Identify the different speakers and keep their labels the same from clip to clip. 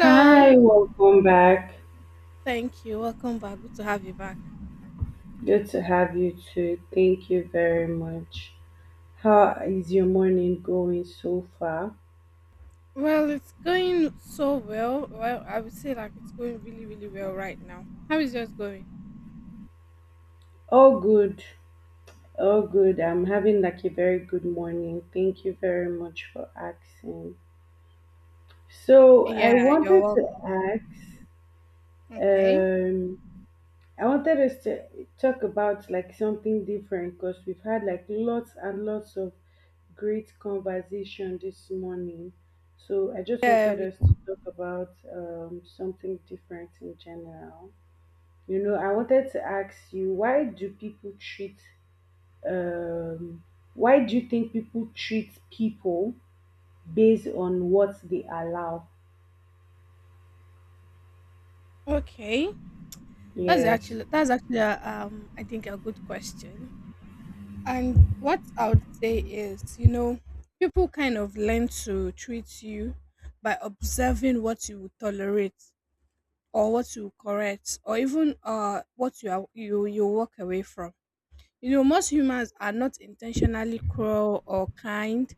Speaker 1: Hi, welcome back.
Speaker 2: Thank you. Welcome back. Good to have you back.
Speaker 1: Good to have you too. Thank you very much. How is your morning going so far?
Speaker 2: Well, it's going so well. Well, I would say like it's going really, really well right now. How is yours going?
Speaker 1: All good. All good. I'm having like a very good morning. Thank you very much for asking. So
Speaker 2: Yeah,
Speaker 1: I
Speaker 2: you're
Speaker 1: wanted to
Speaker 2: welcome.
Speaker 1: ask,
Speaker 2: Okay.
Speaker 1: um, I wanted us to talk about like something different because we've had like lots and lots of great conversation this morning. So I just
Speaker 2: Yeah.
Speaker 1: wanted
Speaker 2: We,
Speaker 1: us to talk about something different in general. You know, I wanted to ask you, um, why do you think people treat people based on what they allow?
Speaker 2: okay. That's
Speaker 1: Yes.
Speaker 2: actually that's actually I think a good question. And what I would say is, you know, people kind of learn to treat you by observing what you would tolerate or what you correct, or even what you are, you walk away from. You know, most humans are not intentionally cruel or kind,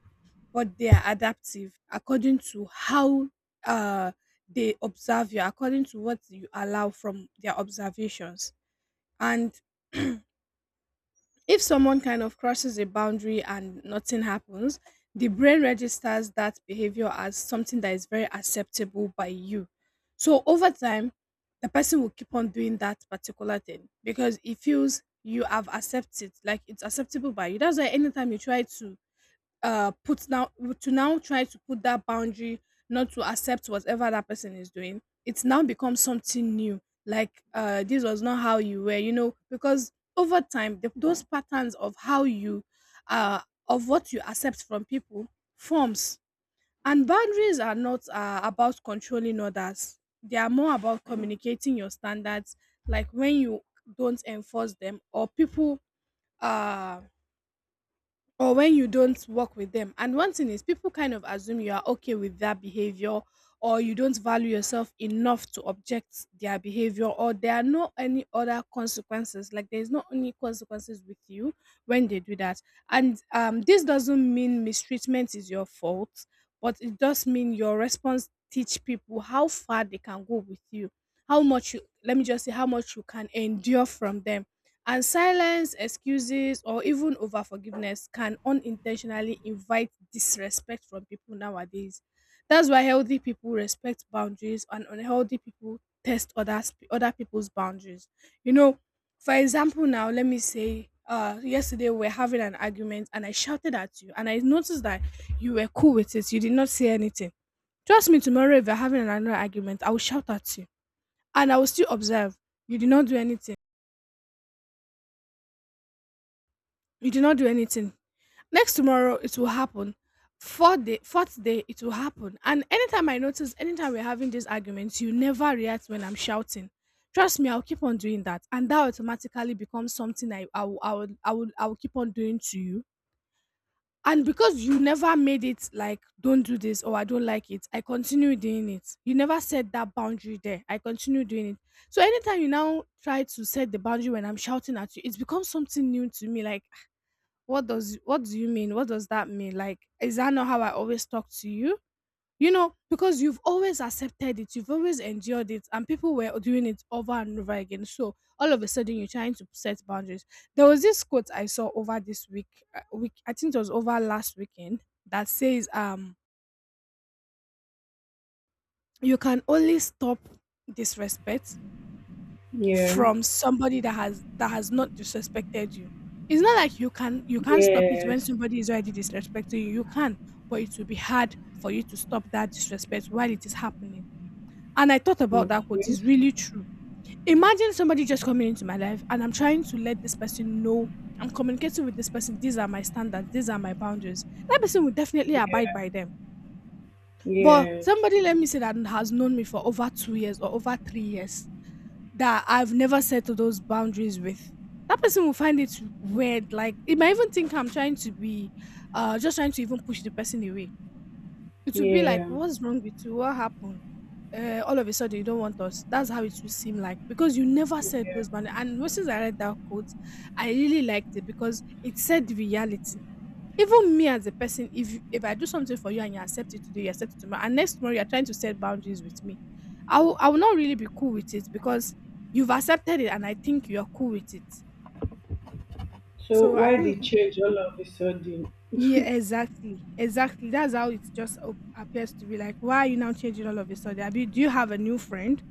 Speaker 2: but they are adaptive according to how, uh, they observe you, according to what you allow from their observations. And if someone kind of crosses a boundary and nothing happens, the brain registers that behavior as something that is very acceptable by you. So over time, the person will keep on doing that particular thing because it feels you have accepted, like it's acceptable by you. That's why anytime you try to put now to now try to put that boundary, not to accept whatever that person is doing, it's now become something new. Like, this was not how you were, you know, because over time those patterns of how you, uh of what you accept from people forms. And boundaries are not, about controlling others, they are more about communicating your standards, like when you don't enforce them or people, uh, or when you don't work with them. And one thing is, people kind of assume you are okay with their behavior, or you don't value yourself enough to object their behavior, or there are no any other consequences, like there's not any consequences with you when they do that. And this doesn't mean mistreatment is your fault, but it does mean your response teach people how far they can go with you, how much, you let me just say, how much you can endure from them. And silence, excuses, or even over forgiveness can unintentionally invite disrespect from people nowadays. That's why healthy people respect boundaries and unhealthy people test others, other people's boundaries. You know, for example, now let me say, yesterday we were having an argument and I shouted at you and I noticed that you were cool with it. You did not say anything. Trust me, tomorrow if you're having another argument, I will shout at you and I will still observe. You did not do anything. You did not do anything. Next tomorrow, it will happen. Fourth day, it will happen. And anytime I notice, anytime we're having these arguments, you never react when I'm shouting. Trust me, I'll keep on doing that, and that automatically becomes something I will I will I will, I will keep on doing to you. And because you never made it like don't do this or I don't like it, I continue doing it. You never set that boundary there. I continue doing it. So anytime you now try to set the boundary when I'm shouting at you, it becomes something new to me. Like, what do you mean, what does that mean? Like, is that not how I always talk to you? You know, because you've always accepted it, you've always endured it, and people were doing it over and over again, so all of a sudden you're trying to set boundaries. There was this quote I saw over this week, I think it was over last weekend, that says, you can only stop disrespect
Speaker 1: Yeah.
Speaker 2: from somebody that has not disrespected you. It's not like you can, you can't stop it when
Speaker 1: Yes.
Speaker 2: somebody is already disrespecting you. You can, but it will be hard for you to stop that disrespect while it is happening. And I thought about that quote. It's
Speaker 1: Mhm.
Speaker 2: really true. Imagine somebody just coming into my life and I'm trying to let this person know, I'm communicating with this person. These are my standards. These are my boundaries. That person will definitely abide by them. But
Speaker 1: Yes.
Speaker 2: somebody, let me say, that has known me for over 2 years or over 3 years that I've never set those boundaries with. That person will find it weird. Like, it might even think I'm trying to be, just trying to even push the person away. It will be like,
Speaker 1: Yeah.
Speaker 2: what's wrong with you? What happened? All of a sudden you don't want us. That's how it will seem like, because you never said those boundaries. And once I read that quote, I really liked it because it said the reality. Even me as a person, if you if I do something for you and you accept it today, you accept it tomorrow, and next tomorrow you're trying to set boundaries with me, I will not really be cool with it, because you've accepted it and I think you're cool with it.
Speaker 1: So
Speaker 2: So I
Speaker 1: why the
Speaker 2: think,
Speaker 1: change all of a sudden?
Speaker 2: yeah, exactly. Exactly. That's how it just appears to be like, why are you now changing all of a sudden? Abi, do you have a new friend?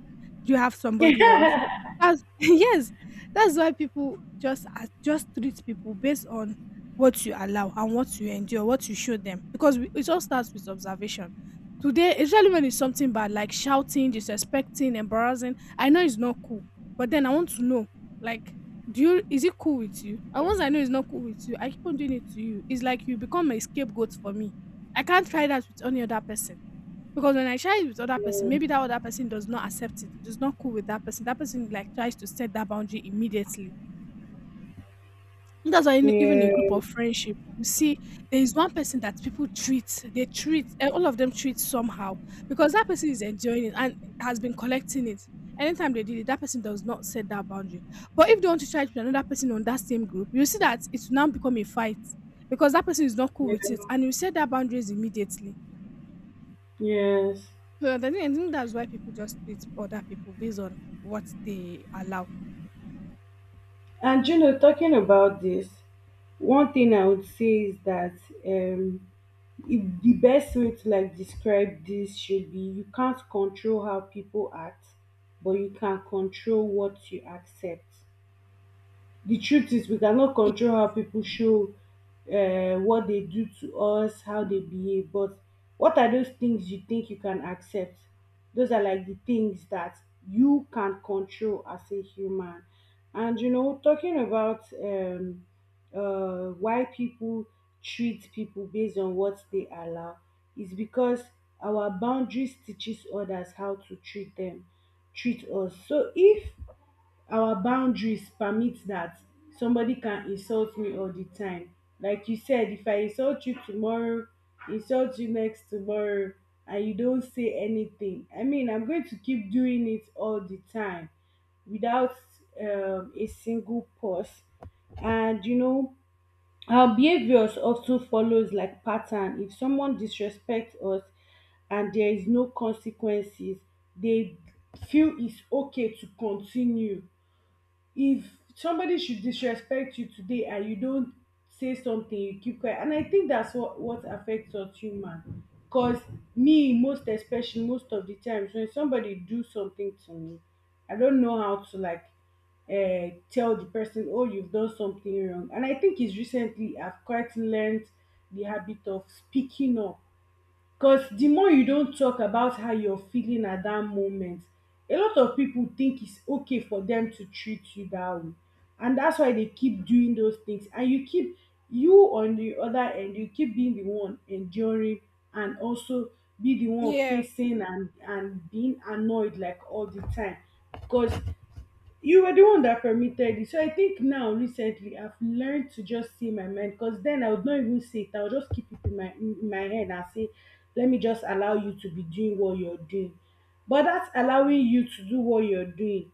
Speaker 2: Do you have somebody else? That's yes. That's why people just treat people based on what you allow and what you endure, what you show them. Because we, it all starts with observation. Today, especially when it's something bad, like shouting, disrespecting, embarrassing. I know it's not cool, but then I want to know, like, do you is it cool with you? And once I know it's not cool with you, I keep on doing it to you. It's like you become a scapegoat for me. I can't try that with any other person, because when I try it with other person,
Speaker 1: Yeah,
Speaker 2: maybe that other person does not accept it, it is not cool with that person, that person like tries to set that boundary immediately. That's why even a group
Speaker 1: yeah,
Speaker 2: of friendship, you see, there is one person that they treat, eh, all of them treat somehow, because that person is enjoying it and has been collecting it. Anytime they did it, that person does not set that boundary. But if they want to try it with another person on that same group, you see that it's now become a fight because that person is not cool with it
Speaker 1: yeah,
Speaker 2: and you set that boundaries immediately.
Speaker 1: yes.
Speaker 2: So I think that's why people just treat other people based on what they allow.
Speaker 1: And you know, talking about this, one thing I would say is that, um, if the best way to like describe this should be you can't control how people act, but you can control what you accept. The truth is we cannot control how people show, what they do to us, how they behave. But what are those things you think you can accept? Those are like the things that you can control as a human. And you know, talking about why people treat people based on what they allow is because our boundaries teaches others how to treat them, treat us. So if our boundaries permit that somebody can insult me all the time, like you said, if I insult you tomorrow, insult you next tomorrow, and you don't say anything, I mean, I'm going to keep doing it all the time without, a single pause. And you know, our behaviors often follows like pattern. If someone disrespects us and there is no consequences, they feel it's okay to continue. If somebody should disrespect you today and you don't say something, you keep quiet, and I think that's what affects us human. Because me, most especially, most of the times when somebody do something to me, I don't know how to like, tell the person, oh, you've done something wrong. And I think it's recently I've quite learned the habit of speaking up. Cause the more you don talk about how you're feeling at that moment, a lot of people think it's okay for them to treat you that way. And that's why they keep doing those things. And you keep, you on the other end, you keep being the one enduring and also be the one
Speaker 2: Yeah.
Speaker 1: facing and being annoyed like all the time. Because you were the one that permitted it. So I think now recently I've learned to just see my mind, because then I would not even say it. I'll just keep it in my head and say, let me just allow you to be doing what you're doing. But that's allowing you to do what you're doing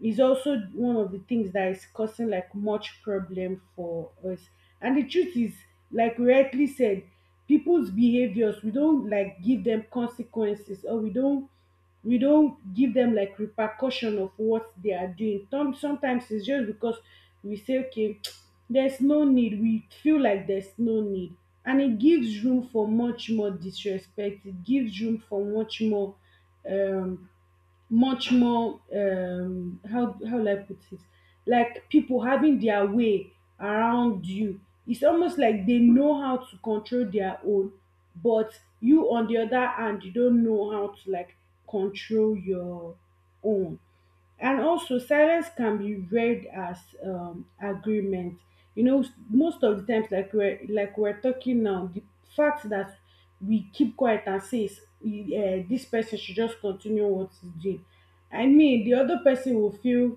Speaker 1: is also one of the things that is causing like much problem for us. And the truth is, like we rightly said, people's behaviors, we don't like give them consequences, or we don't give them like repercussion of what they are doing. Sometimes it's just because we say, okay, there's no need. We feel like there's no need. And it gives room for much more disrespect. It gives room for much more, um, much more, how will I put it? Like people having their way around you. It's almost like they know how to control their own, but you on the other hand, you don't know how to like control your own. And also, silence can be read as, agreement. You know, most of the times, like we're talking now, the fact that we keep quiet and say, this person should just continue what he's doing. I mean, the other person will feel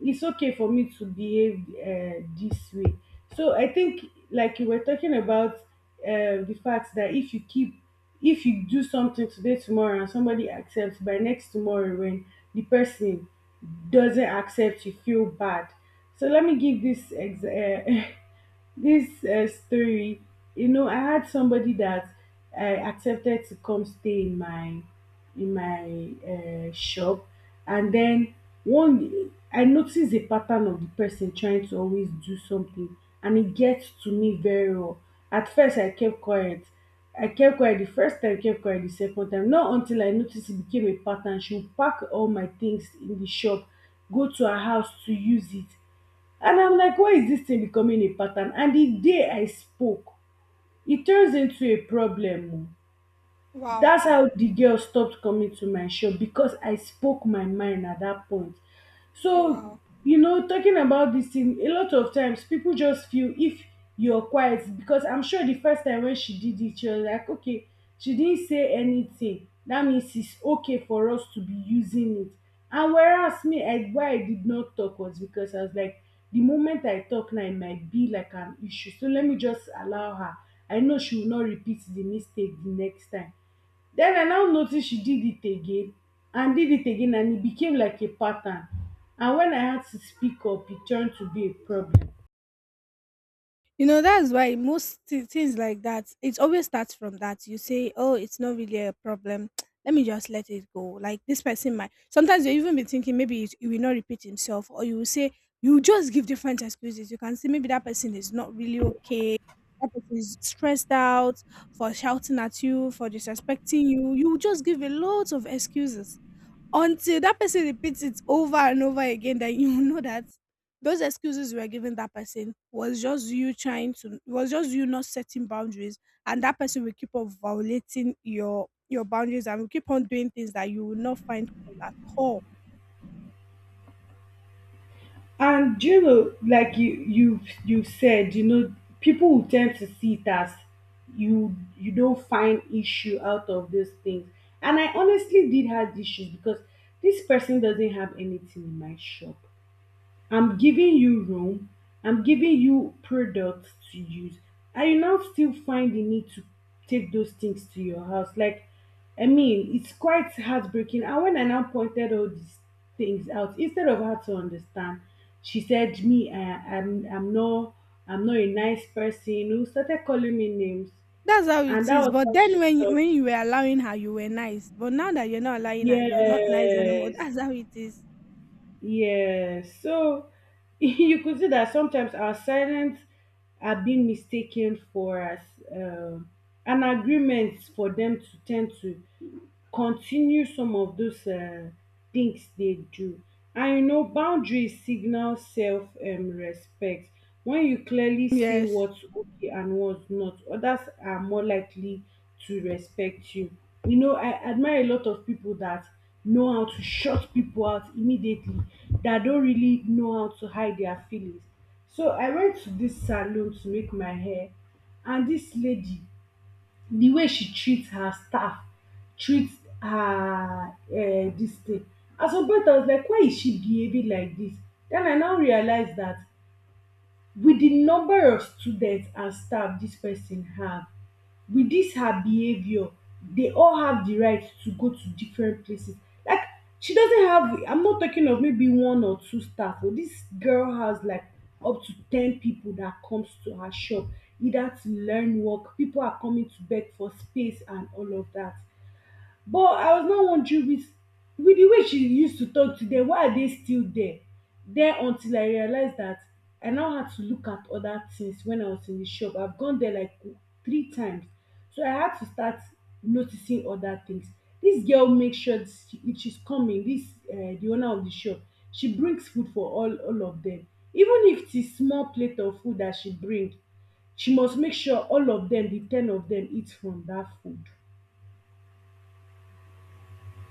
Speaker 1: it's okay for me to behave, this way. So I think, like you were talking about, the fact that if you do something today, tomorrow, and somebody accepts, by next tomorrow when the person doesn't accept, you feel bad. So let me give this story. You know, I had somebody that I accepted to come stay in my, in my shop. And den one I notice a pattern of de person trying to always do something, and e get to me very well. At first I kept quiet. I kept quiet de first time, I kept quiet de second time, not until I notice e became a pattern. She would pack all my things in de shop, go to her house to use it, and I'm like, why is dis thing becoming a pattern? And de day I spoke, e turns into a problem oo.
Speaker 2: Wow.
Speaker 1: That's how the girl stopped coming to my shop, because I spoke my mind at that point. So,
Speaker 2: Wow.
Speaker 1: you know, talking about this thing, a lot of times people just feel if you're quiet, because I'm sure the first time when she did it, she was like, okay, she didn't say anything. That means it's okay for us to be using it. And whereas me, I, why I did not talk was because I was like, the moment I talk now, it might be like an issue. So let me just allow her. I know she will not repeat the mistake the next time. Then I now noticed she did it again and did it again, and it became like a pattern. And when I had to speak up, it turned to be a problem.
Speaker 2: You know, that's why most things like that, it always starts from that. You say, oh, it's not really a problem. Let me just let it go. Like this person might. Sometimes you even be thinking maybe it will not repeat himself, or you will say, you just give different excuses. You can say maybe that person is not really okay. That person is stressed out for shouting at you, for disrespecting you. You just give a lot of excuses. Until that person repeats it over and over again, then you will know that those excuses you were giving that person was just you trying to was just you not setting boundaries, and that person will keep on violating your boundaries and will keep on doing things that you will not find cool at all.
Speaker 1: And do you know, like you said, people will tend to see it as you don't find issue out of those things. And I honestly did have issues, because this person doesn't have anything in my shop. I'm giving you room, I'm giving you products to use, and you now still find the need to take those things to your house. Like, I mean, it's quite heartbreaking. And when I now pointed all these things out, instead of her to understand, she said, "Me, I, I'm not a nice person." Who started calling me names,
Speaker 2: That's how
Speaker 1: and
Speaker 2: it
Speaker 1: that
Speaker 2: is.
Speaker 1: was
Speaker 2: But
Speaker 1: how
Speaker 2: then
Speaker 1: she
Speaker 2: when
Speaker 1: stopped.
Speaker 2: you were allowing her, you were nice. But now that you're not allowing her, you're not nice anymore.
Speaker 1: Yes.
Speaker 2: That's how it is.
Speaker 1: Yes. So you could see that sometimes our silence are being mistaken for us, um, an agreement for them to tend to continue some of those things dey do. And you know, boundaries signal self respect. When you clearly say
Speaker 2: Yes.
Speaker 1: what's okay and what's not, others are more likely to respect you. You know, I admire a lot of people that know how to shut people out immediately, that don't really know how to hide their feelings. So I went to this salon to make my hair, and this lady, the way she treat her staff, treat her this thing, at some point I was like, why is she behaving like this? Then I now realize that with the number of students and staff dis person have, with dis her behaviour, they all have the right to go to different places. Like, she doesn't have, I'm not talking of maybe one or two staff, oh this girl has like up to 10 people that comes to her shop, either to learn work, people are coming to beg for space and all of that. But I was now wondering, with the way she used to talk to them, why are they still there? Then until I realized that I now had to look at other things when I was in the shop. I've gone there like three times. So I had to start noticing other things. This girl makes sure that, if she's coming, this, the owner of the shop, she brings food for all of them. Even if it's a small plate of food that she brings, she must make sure all of them, the 10 of them, eat from that food.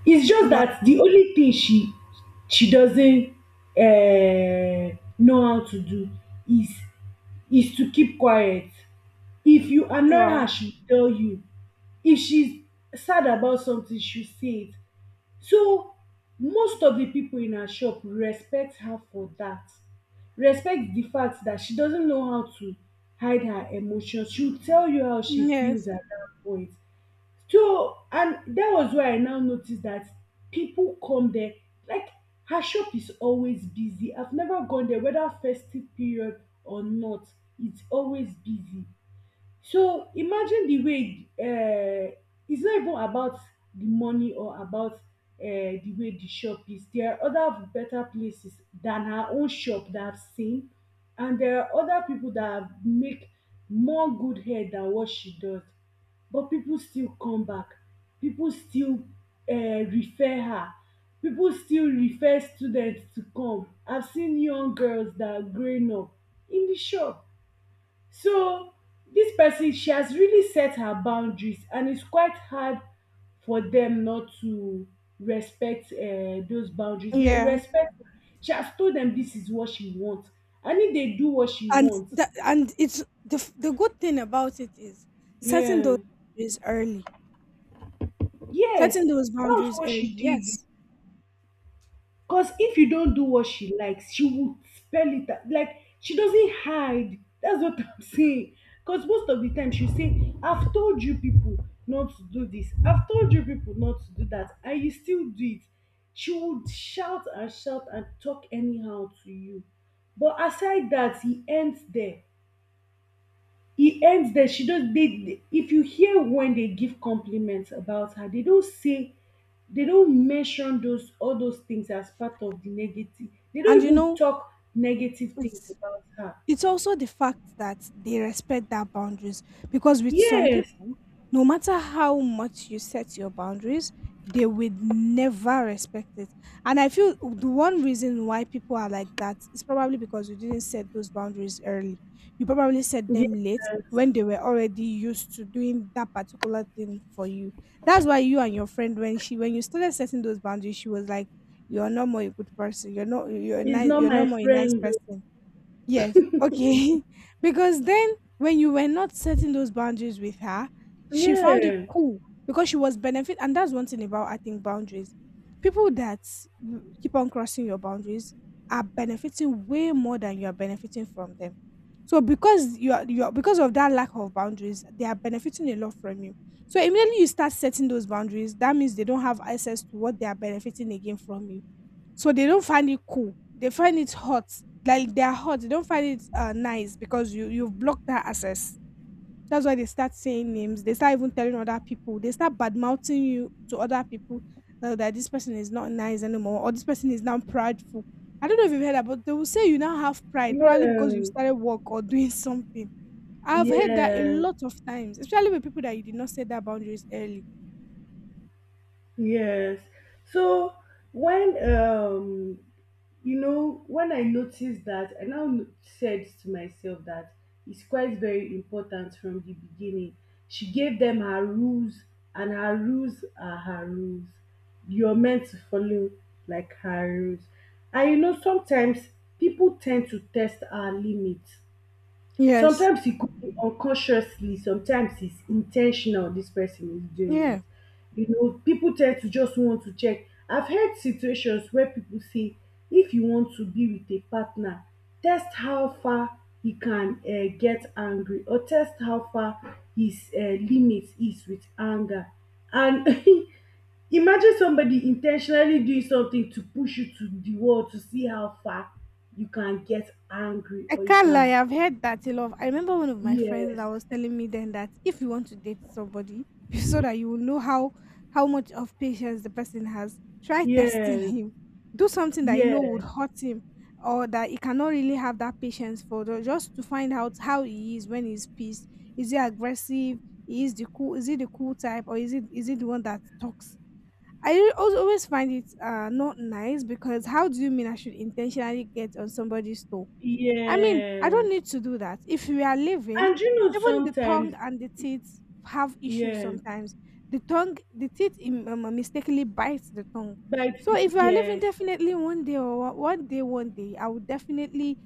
Speaker 1: It's just
Speaker 2: Wow.
Speaker 1: that the only thing she doesn't know how to do is is to keep quiet. If you annoy
Speaker 2: Wow.
Speaker 1: her, she'll tell you. If she's sad about something, she'll say it. So most of the people in her shop respect her for that. Respect the fact that she doesn't know how to hide her emotions. She'll tell you how she
Speaker 2: Yes.
Speaker 1: feels at that point. So and dat was where I now notice dat pipu come there, like, her shop is always busy. I've never gone there whether festive period or not, it's always busy. So imagine the way, it's not even about the money or about, the way the shop is. There are other better places than her own shop that I've seen, and there are other people that have make more good head than what she does, but people still come back, people still refer her, people still refer students to come. I've seen young girls that are growing up in the shop. So this person, she has really set her boundaries, and it's quite hard for them not to respect those boundaries. They
Speaker 2: Yeah.
Speaker 1: respect. She has told them this is what she wants, and if they do what she
Speaker 2: And
Speaker 1: wants,
Speaker 2: and it's the the good thing about it is setting
Speaker 1: yeah,
Speaker 2: those boundaries early,
Speaker 1: yes,
Speaker 2: setting those
Speaker 1: that was
Speaker 2: boundaries
Speaker 1: what
Speaker 2: early,
Speaker 1: she
Speaker 2: yes.
Speaker 1: did. Cause if you don't do what she likes, she would spell it out. Like she doesn't hide. That's what I'm saying. Cause most of the time she'll say, I've told you people not to do this. I've told you people not to do that. And you still do it. She would shout and shout and talk anyhow to you. But aside that, he ends there. E ends there, she just if you hear when they give compliments about her, they don't say, they don't mention those, all those things as part of the negative. They
Speaker 2: And
Speaker 1: don't
Speaker 2: you
Speaker 1: even
Speaker 2: know,
Speaker 1: talk negative things
Speaker 2: it's
Speaker 1: about her.
Speaker 2: it's also the fact that they respect their boundaries, because with some
Speaker 1: Yes,
Speaker 2: people, no matter how much you set your boundaries, they would never respect it. And I feel the one reason why people are like that is probably because you didn't set those boundaries early. You probably set them late
Speaker 1: yes,
Speaker 2: when they were already used to doing that particular thing for you. That's why you and your friend, when you started setting those boundaries, she was like, you're not more a good person, you're not,
Speaker 1: he's not
Speaker 2: you're
Speaker 1: my
Speaker 2: not more a nice
Speaker 1: friend o.
Speaker 2: person. Yes. Okay. Because then when you were not setting those boundaries with her, she found it
Speaker 1: Yeah,
Speaker 2: cool, because she was benefit, and that's one thing about I think boundaries. People that keep on crossing your boundaries are benefiting way more than you are benefiting from them. So because you are, because of that lack of boundaries, they are benefiting a lot from you. So immediately you start setting those boundaries, that means they don't have access to what they are benefiting again from you. So they don't find it cool. They find it hot. Like they are hot. They don't find it nice because you've blocked that access. That's why they start saying names. They start even telling other people. They start bad mouthing you to other people that this person is not nice anymore, or this person is now prideful. I don't know if you've heard that, but they will say you now have pride, probably because you
Speaker 1: yeah,
Speaker 2: started work or doing something. I've heard that a
Speaker 1: yes,
Speaker 2: lot of times, especially with people that you did not set that boundaries early.
Speaker 1: yes. So when you know, when I noticed that, I now said to myself that it's quite very important from the beginning. She gave them her rules, and her rules are her rules. You're meant to follow like her rules. And you know, sometimes people tend to test our limits.
Speaker 2: Yes.
Speaker 1: Sometimes it could be unconsciously, sometimes it's intentional this person is doing
Speaker 2: Yeah.
Speaker 1: it. You know, people tend to just want to check. I've heard situations where people say, if you want to be with a partner, test how far he can get angry or test how far his limit is with anger. And imagine somebody intentionally doing something to push you to the wall to see how far you can get angry
Speaker 2: I
Speaker 1: or you
Speaker 2: can't
Speaker 1: can.
Speaker 2: lie, I've heard that a lot. I remember one of my friends
Speaker 1: Yes,
Speaker 2: that was telling me then that if you want to date somebody, so that you will know how much of patience the person has, try testing
Speaker 1: yes,
Speaker 2: him. Do something that you know would
Speaker 1: yes,
Speaker 2: hurt him, or that he cannot really have that patience for just to find out how he is when he's pissed. Is he aggressive? Is the cool is he the cool type, or is it the one that talks? I always find it not nice, because how do you mean I should intentionally get on somebody's toe? I mean, I don't
Speaker 1: yes.
Speaker 2: need to do that. If we are living,
Speaker 1: And you know,
Speaker 2: even the tongue
Speaker 1: sometimes,
Speaker 2: and the teeth have issues
Speaker 1: yeah,
Speaker 2: sometimes. The tongue, the teeth mistakenly bites the tongue. So if we are living,
Speaker 1: yes,
Speaker 2: definitely one day or one day, I would definitely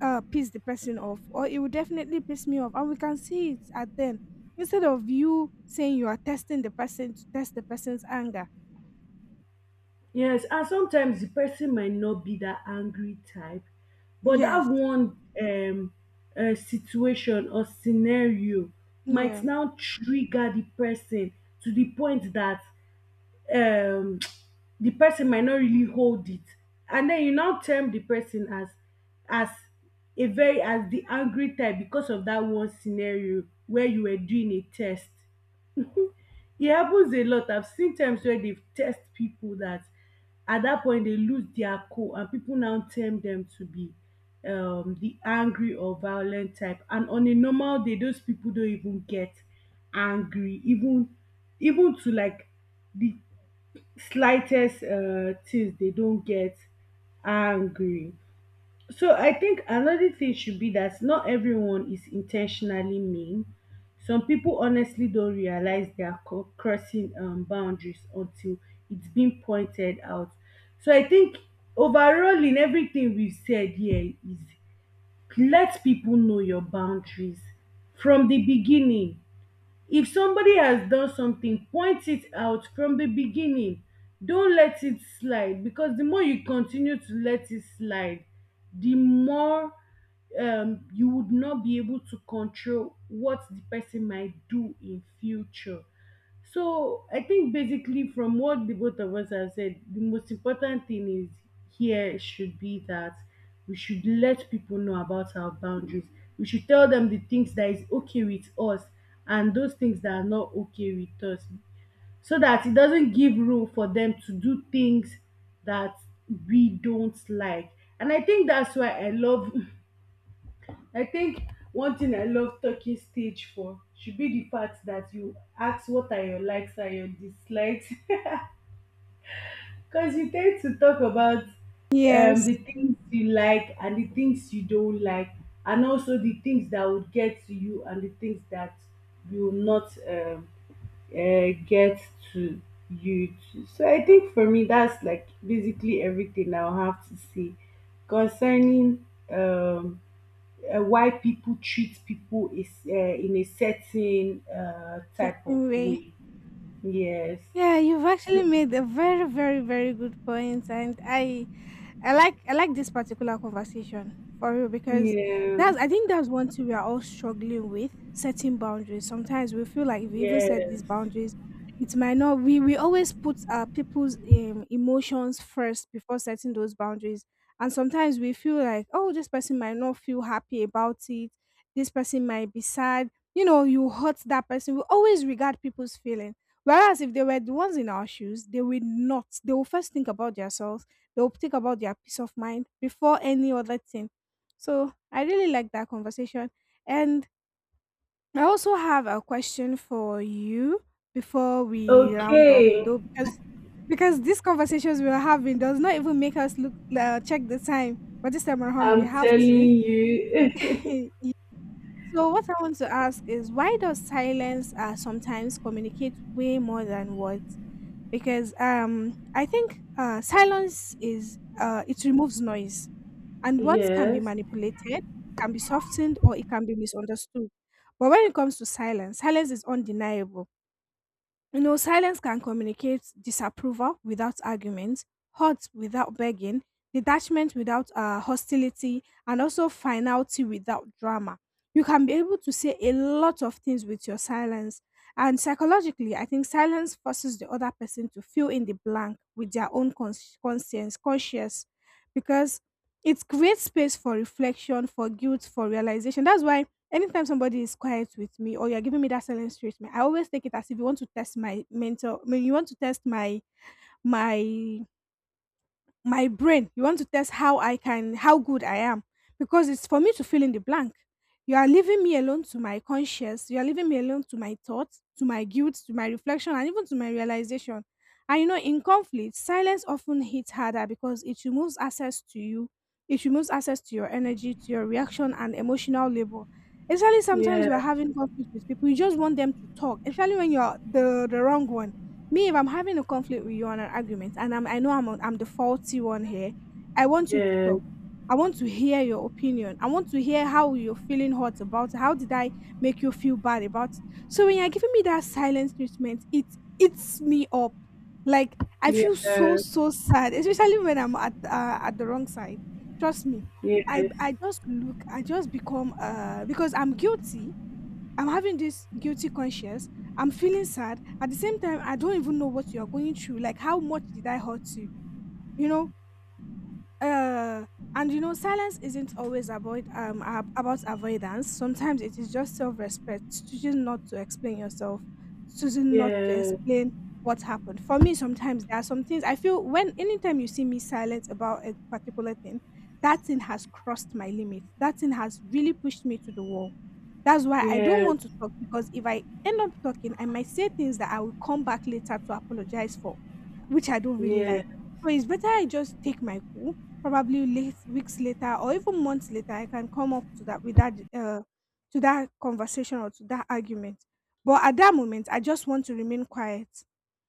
Speaker 2: piss the person off, or it would definitely piss me off, and we can see it at then. Instead of you saying you are testing the person to test the person's anger.
Speaker 1: yes. And sometimes the person might not be that angry type, but that
Speaker 2: Yes.
Speaker 1: one situation or scenario might
Speaker 2: Yeah.
Speaker 1: now trigger the person to the point that um the person might not really hold it, and then you now term the person as a very, as the angry type, because of that one scenario where you were doing a test. It happens a lot. I've seen times where they've test people that at that point they lose their cool and people now term them to be the angry or violent type, and on a normal day those people don't even get angry, even even to like the slightest things, they don't get angry. So I think another thing should be that not everyone is intentionally mean. Some people honestly don't realize they are crossing boundaries until it's been pointed out. So I think overall in everything we've said here is, let people know your boundaries from the beginning. If somebody has done something, point it out from the beginning. Don't let it slide, because the more you continue to let it slide, the more you would not be able to control what the person might do in future. So I think basically from what the both of us have said, the most important thing is here should be that we should let people know about our boundaries. We should tell them the things that is okay with us and those things that are not okay with us, so that it doesn't give room for them to do things that we don't like. And I think that's why I love I think one thing I love talking stage for should be the fact that you ask, what are your likes and your dislikes? Because you tend to talk about the
Speaker 2: Yes.
Speaker 1: things you like and the things you don't like, and also the things that would get to you and the things that you will not get to you. To. So I think for me, that's like basically everything I'll have to say concerning why people treat people is in a certain
Speaker 2: The
Speaker 1: type of
Speaker 2: same way.
Speaker 1: way. Yes.
Speaker 2: Yeah, you've actually
Speaker 1: So,
Speaker 2: made a very, very, very good point, and I I like this particular conversation for real, because
Speaker 1: yeah.
Speaker 2: that's I think that's one thing we are all struggling with: setting boundaries. Sometimes we feel like if we even set
Speaker 1: Yes.
Speaker 2: these boundaries, it might not. We always put people's emotions first before setting those boundaries, and sometimes we feel like, oh, this person might not feel happy about it. This person might be sad. You know, you hurt that person. We always regard people's feeling. Whereas if they were the ones in our shoes, they will not. They will first think about themselves. They'll think about their peace of mind before any other thing. So I really like that conversation. And I also have a question for you before we round up,
Speaker 1: Okay.
Speaker 2: though, because these conversations we are having does not even make us look check the time. But this time around, we
Speaker 1: I'm
Speaker 2: have
Speaker 1: telling
Speaker 2: to.
Speaker 1: you.
Speaker 2: Yeah. So what I want to ask is, why does silence sometimes communicate way more than words? Because I think silence is it removes noise, and words can be
Speaker 1: Yes.
Speaker 2: manipulated, it can be softened, or it can be misunderstood. But when it comes to silence, silence is undeniable. You know, silence can communicate disapproval without argument, hurt without begging, detachment without hostility, and also finality without drama. You can be able to say a lot of things with your silence. And psychologically, I think silence forces the other person to fill in the blank with their own conscience, conscious, because it creates space for reflection, for guilt, for realization. That's why anytime somebody is quiet with me, or you're giving me that silence treatment, I always take it as if you want to test my mental, I mean, you want to test my my my brain. You want to test how good I am, because it's for me to fill in the blank. You are leaving me alone to my conscience. You are leaving me alone to my thoughts, to my guilt, to my reflection, and even to my realization. And you know, in conflict, silence often hits harder, because it removes access to you. It removes access to your energy, to your reaction, and emotional labor. Especially sometimes
Speaker 1: Yeah.
Speaker 2: you are having conflict with people, you just want them to talk, especially when you're the wrong one. Me, if I'm having a conflict with you on an argument, and I know I'm the faulty one here, I want you to
Speaker 1: Yeah.
Speaker 2: talk. I want to hear your opinion. I want to hear how you're feeling hot about it, how did I make you feel bad about it. So when you're giving me that silence treatment, it eats me up. Like, I
Speaker 1: Yeah.
Speaker 2: feel so so sad, especially when I'm at the wrong side. Trust me,
Speaker 1: Yes.
Speaker 2: I just become because I'm guilty. I'm having this guilty conscience. I'm feeling sad. At the same time, I don't even know what you are going through. Like, how much did I hurt you? You know, uh, and you know, silence isn't always about avoidance. Sometimes it is just self-respect, choosing not to explain yourself, choosing not to
Speaker 1: Yeah.
Speaker 2: explain what happened. For me, sometimes there are some things I feel, when anytime you see me silent about a particular thing, that thing has crossed my limit. That thing has really pushed me to the wall. That's why I don't
Speaker 1: Yeah. Yeah.
Speaker 2: want to talk, because if I end up talking, I might say things that I will come back later to apologize for, which I don't really
Speaker 1: Yeah.
Speaker 2: like. So it's better I just take my cool. Probably late, weeks later or even months later, I can come up to that with that to that conversation or to that argument. But at that moment, I just want to remain quiet.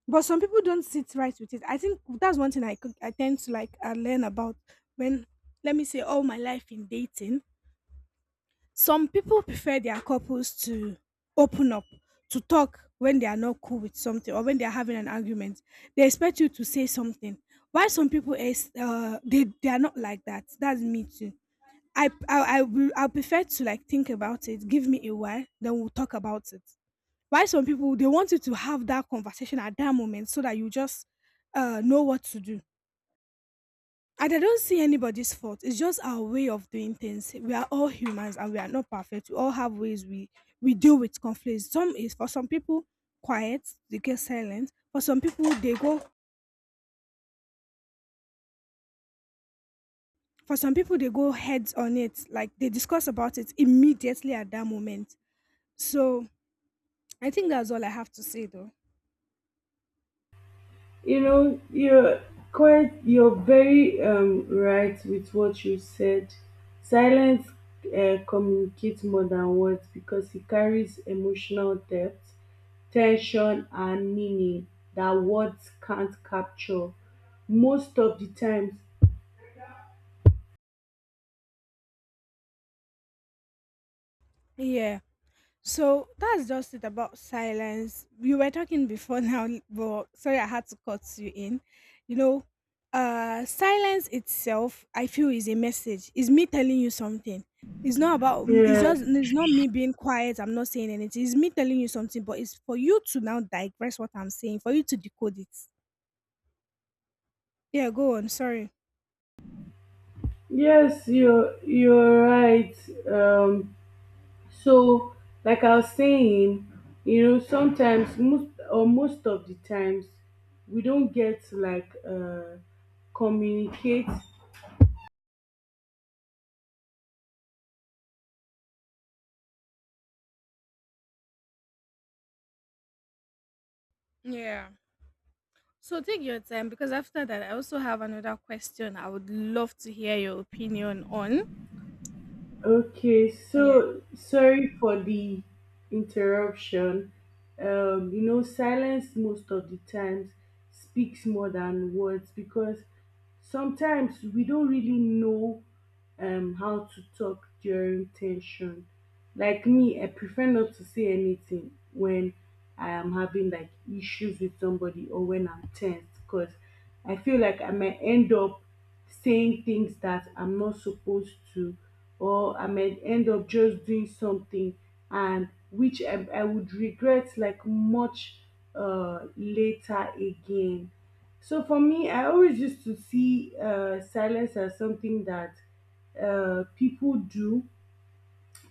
Speaker 2: But some people don't sit right with it. I think that's one thing I could, I tend to like learn about, when let me say all my life in dating, some people prefer their couples to open up, to talk when they are not cool with something or when they are having an argument. They expect you to say something. Why some people is they are not like that. That's me too. I prefer to like think about it. Give me a while, then we'll talk about it. Why some people, they want you to have that conversation at that moment, so that you just know what to do. And I don't see anybody's fault. It's just our way of doing things. We are all humans and we are not perfect. We all have ways we deal with conflicts. Some is For some people, quiet, they get silent. For some people, they go heads on it. Like they discuss about it immediately at that moment. So I think that's all I have to say though.
Speaker 1: You know, you're quite, you're very right with what you said. Silence communicates more than words because it carries emotional depth, tension, and meaning that words can't capture. Most of the times,
Speaker 2: Yeah. So that's just it about silence. You were talking before now, but sorry, I had to cut you in. You know, silence itself, I feel, is a message. It's me telling you something. It's not about. It's
Speaker 1: yeah,
Speaker 2: just. It's not me being quiet. I'm not saying anything. It's me telling you something, but it's for you to now digress what I'm saying, for you to decode it. Yeah, go on. Sorry.
Speaker 1: yes, you're right. Um, So, like I was saying, you know, sometimes most or most of the times we don't get to communicate.
Speaker 2: Yeah. So take your time, because after that, I also have another question I would love to hear your opinion on.
Speaker 1: Okay,
Speaker 2: Yeah.
Speaker 1: so sorry for the interruption. You know, silence most of the times speaks more than words because sometimes we don't really know how to talk during tension. Like me, I prefer not to say anything when I am having like issues with somebody or when I'm tense, because I feel like I might end up saying things that I'm not supposed to, or I might end up just doing something and I would regret like much later again. So for me, I always used to see silence as something that people do,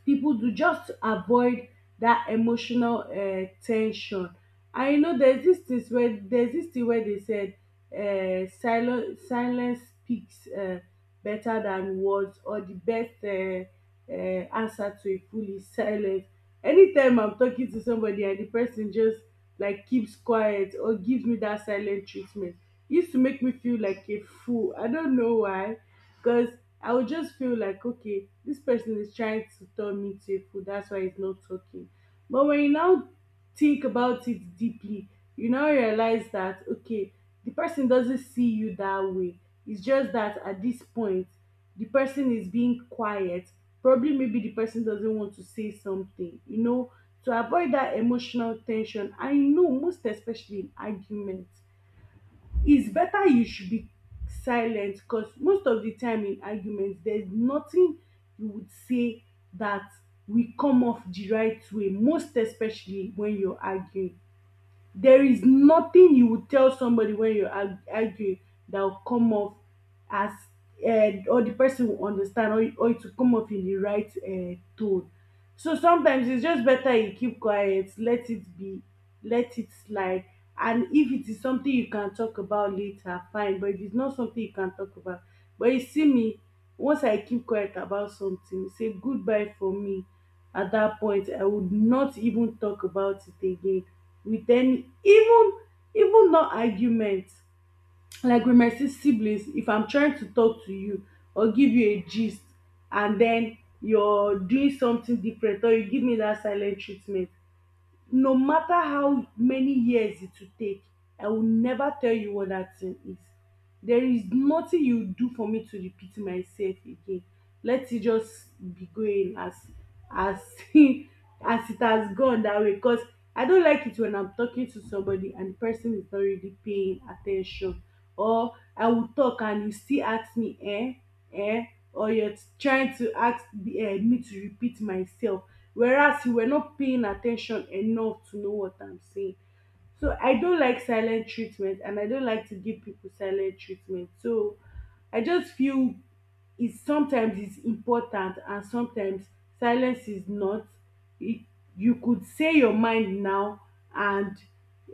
Speaker 1: people do just to avoid that emotional tension. And you know, there's this thing where, there's this thing where they said silence speaks better than words, or the best answer to a fool is silence. Anytime I'm talking to somebody and the person just like keeps quiet or gives me that silent treatment, it used to make me feel like a fool. I don't know why, because I would just feel like, okay, this person is trying to tell me to a food, that's why he's not talking. But when you now think about it deeply, you now realize that, okay, the person doesn't see you that way. It's just that at this point, the person is being quiet. Probably maybe the person doesn't want to say something, you know, to avoid that emotional tension. I know, most especially in arguments, it's better you should be silent, because most of the time in argument there's nothing you would say that will come off the right way, most especially when you're arguing. There is nothing you would tell somebody when you're arguing that will come off as or the person will understand, or it will come off in the right tone. So sometimes it's just better you keep quiet, let it be, let it slide. And if it is something you can talk about later, fine. But if it's not something you can talk about, but you see me, once I keep quiet about something, say goodbye for me. At that point I would not even talk about it again with any, even, even not argument. Like with my siblings, if I'm trying to talk to you or give you a gist, and then you're doing something different or you give me that silent treatment, no matter how many years it will take, I will never tell you what that thing is. There is nothing you do for me to repeat myself again. Let it just be going as as as it has gone that way, because I don't like it when I'm talking to somebody and the person is not really paying attention, or I will talk and you still ask me, eh? um or you're trying to ask me to repeat myself, whereas you were not paying attention enough to know what I'm saying. So I don't like silent treatment and I don't like to give people silent treatment. So I just feel is sometimes is important and sometimes silence is not. It, you could say your mind now and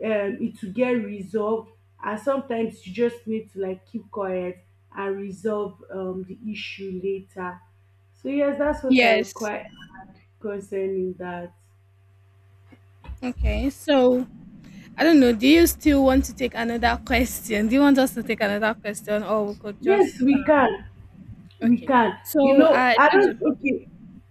Speaker 1: it will get resolved. And sometimes you just need to like keep quiet and resolve the issue later. So yes, that's what I would
Speaker 2: Yes.
Speaker 1: quite add concerning that.
Speaker 2: Okay, so I don't know. Do you still want to take another question? Do you want us to take another question, or we could just
Speaker 1: Yes, we can. We
Speaker 2: okay?
Speaker 1: can. You
Speaker 2: So
Speaker 1: know,
Speaker 2: I
Speaker 1: I
Speaker 2: told you.
Speaker 1: don't. Okay,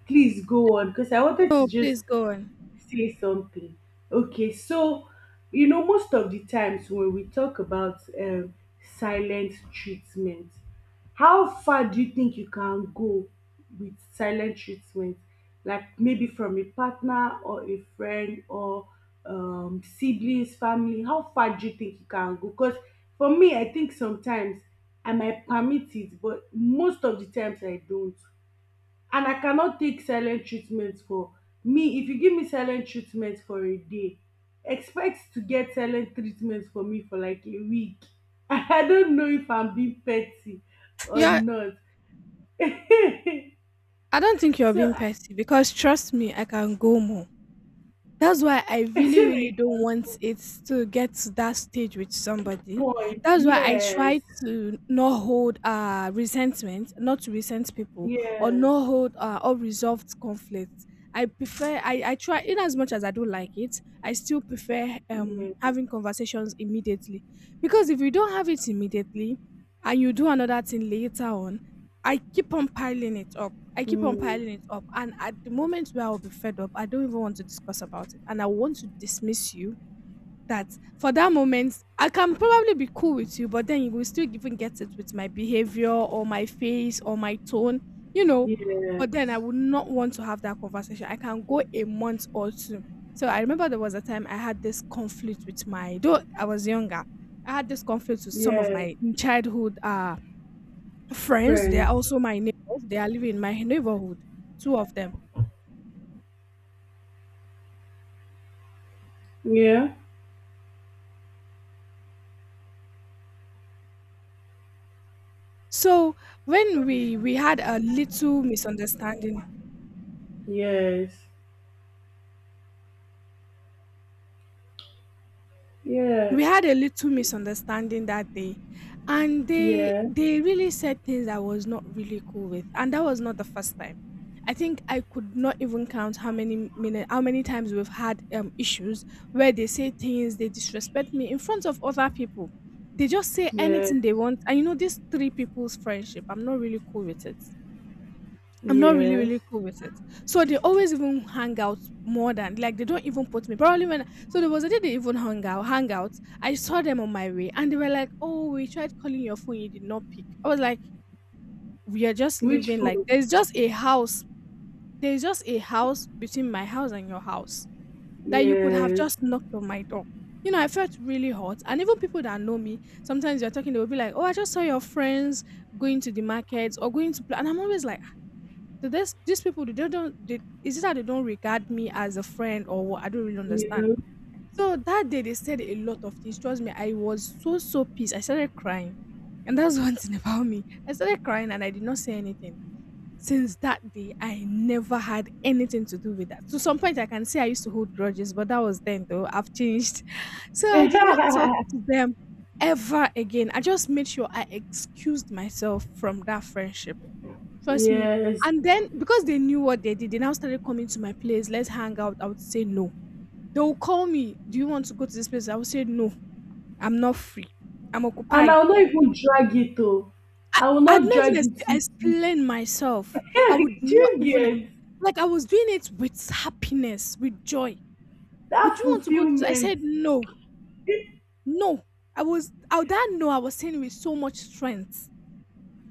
Speaker 1: please go on because I wanted to
Speaker 2: No,
Speaker 1: just
Speaker 2: please go on.
Speaker 1: say something. Okay, so you know most of the times when we talk about silent treatment, how far do you think you can go with silent treatment? Like maybe from a partner or a friend or siblings, family. How far do you think you can go? Because for me, I think sometimes I might permit it, but most of the times I don't, and I cannot take silent treatment. For me, if you give me silent treatment for a day, expect to get silent treatment for me for like a week. I don't know if I'm being petty or
Speaker 2: Yeah,
Speaker 1: not.
Speaker 2: I don't think you're
Speaker 1: So
Speaker 2: being petty, because trust me, I can go more. That's why I
Speaker 1: I
Speaker 2: really,
Speaker 1: say
Speaker 2: really don't
Speaker 1: like a
Speaker 2: want it to get to that stage with somebody.
Speaker 1: point,
Speaker 2: That's why I
Speaker 1: yes,
Speaker 2: try to not hold resentment, not to resent people, or
Speaker 1: yes,
Speaker 2: not hold unresolved conflicts. I prefer I try, in as much as I don't like it, I still prefer
Speaker 1: yes,
Speaker 2: having conversations immediately. Because if you don't have it immediately and you do another thing later on, I keep on piling it up. I keep on
Speaker 1: mm,
Speaker 2: piling it up. And at the moment where I'll be fed up, I don't even want to discuss about it. And I want to dismiss you, that for that moment, I can probably be cool with you, but then you will still even get it with my behavior or my face or my tone, you know. But then I
Speaker 1: yes,
Speaker 2: would not want to have that conversation. I can go a month or two. So I remember there was a time I had this conflict with my, though I was younger, I had this conflict with some of
Speaker 1: yeah,
Speaker 2: my childhood friends. They are
Speaker 1: friends,
Speaker 2: also my neighbors. They are living in my neighborhood, two of them.
Speaker 1: yeah,
Speaker 2: So when we had a little misunderstanding,
Speaker 1: yes, yeah,
Speaker 2: we had a little misunderstanding that day, and they
Speaker 1: yeah,
Speaker 2: they really said things I was not really cool with, and that was not the first time. I think I could not even count how many minutes, how many times we've had issues where they say things, they disrespect me in front of other people. They just say
Speaker 1: yeah,
Speaker 2: anything they want, and these three people's friendship, I'm not really cool with it. I'm not really,
Speaker 1: yes,
Speaker 2: really cool with it. So they always even hang out more than, like, they don't even put me. Probably when, so there was a day they even hung out, hang out. I saw them on my way and they were like, "Oh, we tried calling your phone, you did not pick." I was like, we are just
Speaker 1: which
Speaker 2: living, like,
Speaker 1: phone?
Speaker 2: there's just a house. There's just a house between my house and your house that you could have
Speaker 1: Yes,
Speaker 2: just knocked on my door. You know, I felt really hot. And even people that know me, sometimes you're talking, they will be like, "Oh, I just saw your friends going to the markets or going to play." And I'm always like, so this, these people they don't- they, is it that they don't regard me as a friend or what? I don't really understand.
Speaker 1: you
Speaker 2: So that day they said a lot of things. Trust me, I was so so pissed. I started crying, and that's one thing about me. I started crying and I did not say anything. Since that day, I never had anything to do with that. To some point, I can say I used to hold grudges, but that was then though. I've changed, so I did not talk
Speaker 1: know.
Speaker 2: to them ever again. I just made sure I excused myself from that friendship. Trust me.
Speaker 1: Yes.
Speaker 2: And then because they knew what they did, they now started coming to my place. Let's hang out. I would say no. They will call me. Do you want to go to this place? I would say no. I'm not free. I'm
Speaker 1: And
Speaker 2: occupied.
Speaker 1: I'll not even drag it though.
Speaker 2: I,
Speaker 1: I will
Speaker 2: I'd
Speaker 1: not
Speaker 2: not
Speaker 1: drag
Speaker 2: even
Speaker 1: it with you.
Speaker 2: explain myself. I would
Speaker 1: Do
Speaker 2: not
Speaker 1: you
Speaker 2: even,
Speaker 1: get
Speaker 2: like, I was doing it with happiness, with joy. Would
Speaker 1: that
Speaker 2: you want to go to this? I
Speaker 1: fulfillment
Speaker 2: said no. No. I was out that no, I was saying with so much strength.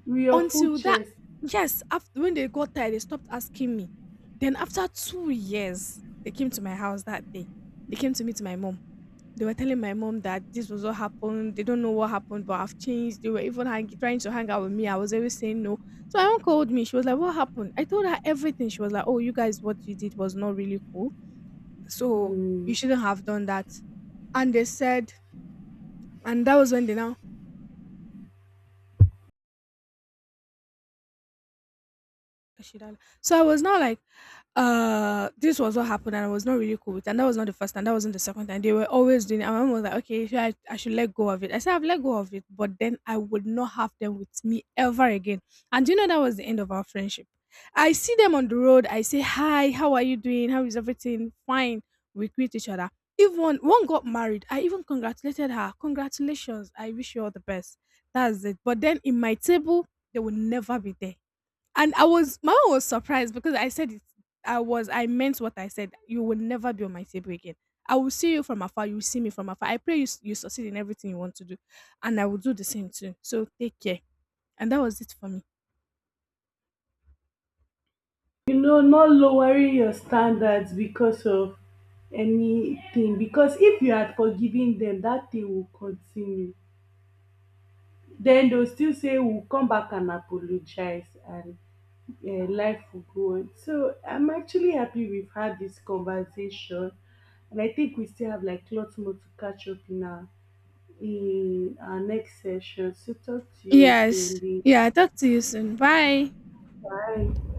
Speaker 1: with your full
Speaker 2: Until that,
Speaker 1: chest?
Speaker 2: yes, after when they got tired, they stopped asking me. Then after 2 years, they came to my house that day. They came to meet my mom. They were telling my mom that this was what happened. They don't know what happened, but I've changed. They were even hang trying to hang out with me. I was always saying no. So my mom called me. She was like, "What happened?" I told her everything. She was like, "Oh, you guys, what you did was not really cool. So you
Speaker 1: Mm.
Speaker 2: shouldn't have done that." And they said, and that was when they now Ashidala. So I was not like, this was what happened, and I was not really cool with it. And that was not the first time, that wasn't the second time. They were always doing it. And my mom was like, okay, if I should let go of it. I said, I've let go of it, but then I would not have them with me ever again. And do you know, that was the end of our friendship. I see them on the road. I say, hi, how are you doing? How is everything? Fine. We greet each other. Even one got married. I even congratulated her. Congratulations. I wish you all the best. That's it. But then in my table, they will never be there, and I was, my mom was surprised because I said it, I was, I meant what I said. You will never be on my table again. I will see you from afar. You will see me from afar. I pray you, you succeed in everything you want to do. And I will do the same too. So take care. And that was it for me.
Speaker 1: You know, not lowering your standards because of anything. Because if you had forgiven them, that thing will continue. Then they'll still say, we'll come back and apologize. And yeah, life will go on. So I'm actually happy we've had this conversation, and I think we still have like lots more to catch up in our, in our next session. So talk to you
Speaker 2: Yes.
Speaker 1: again. Lee.
Speaker 2: Yeah. Talk to you soon. Bye.
Speaker 1: Bye.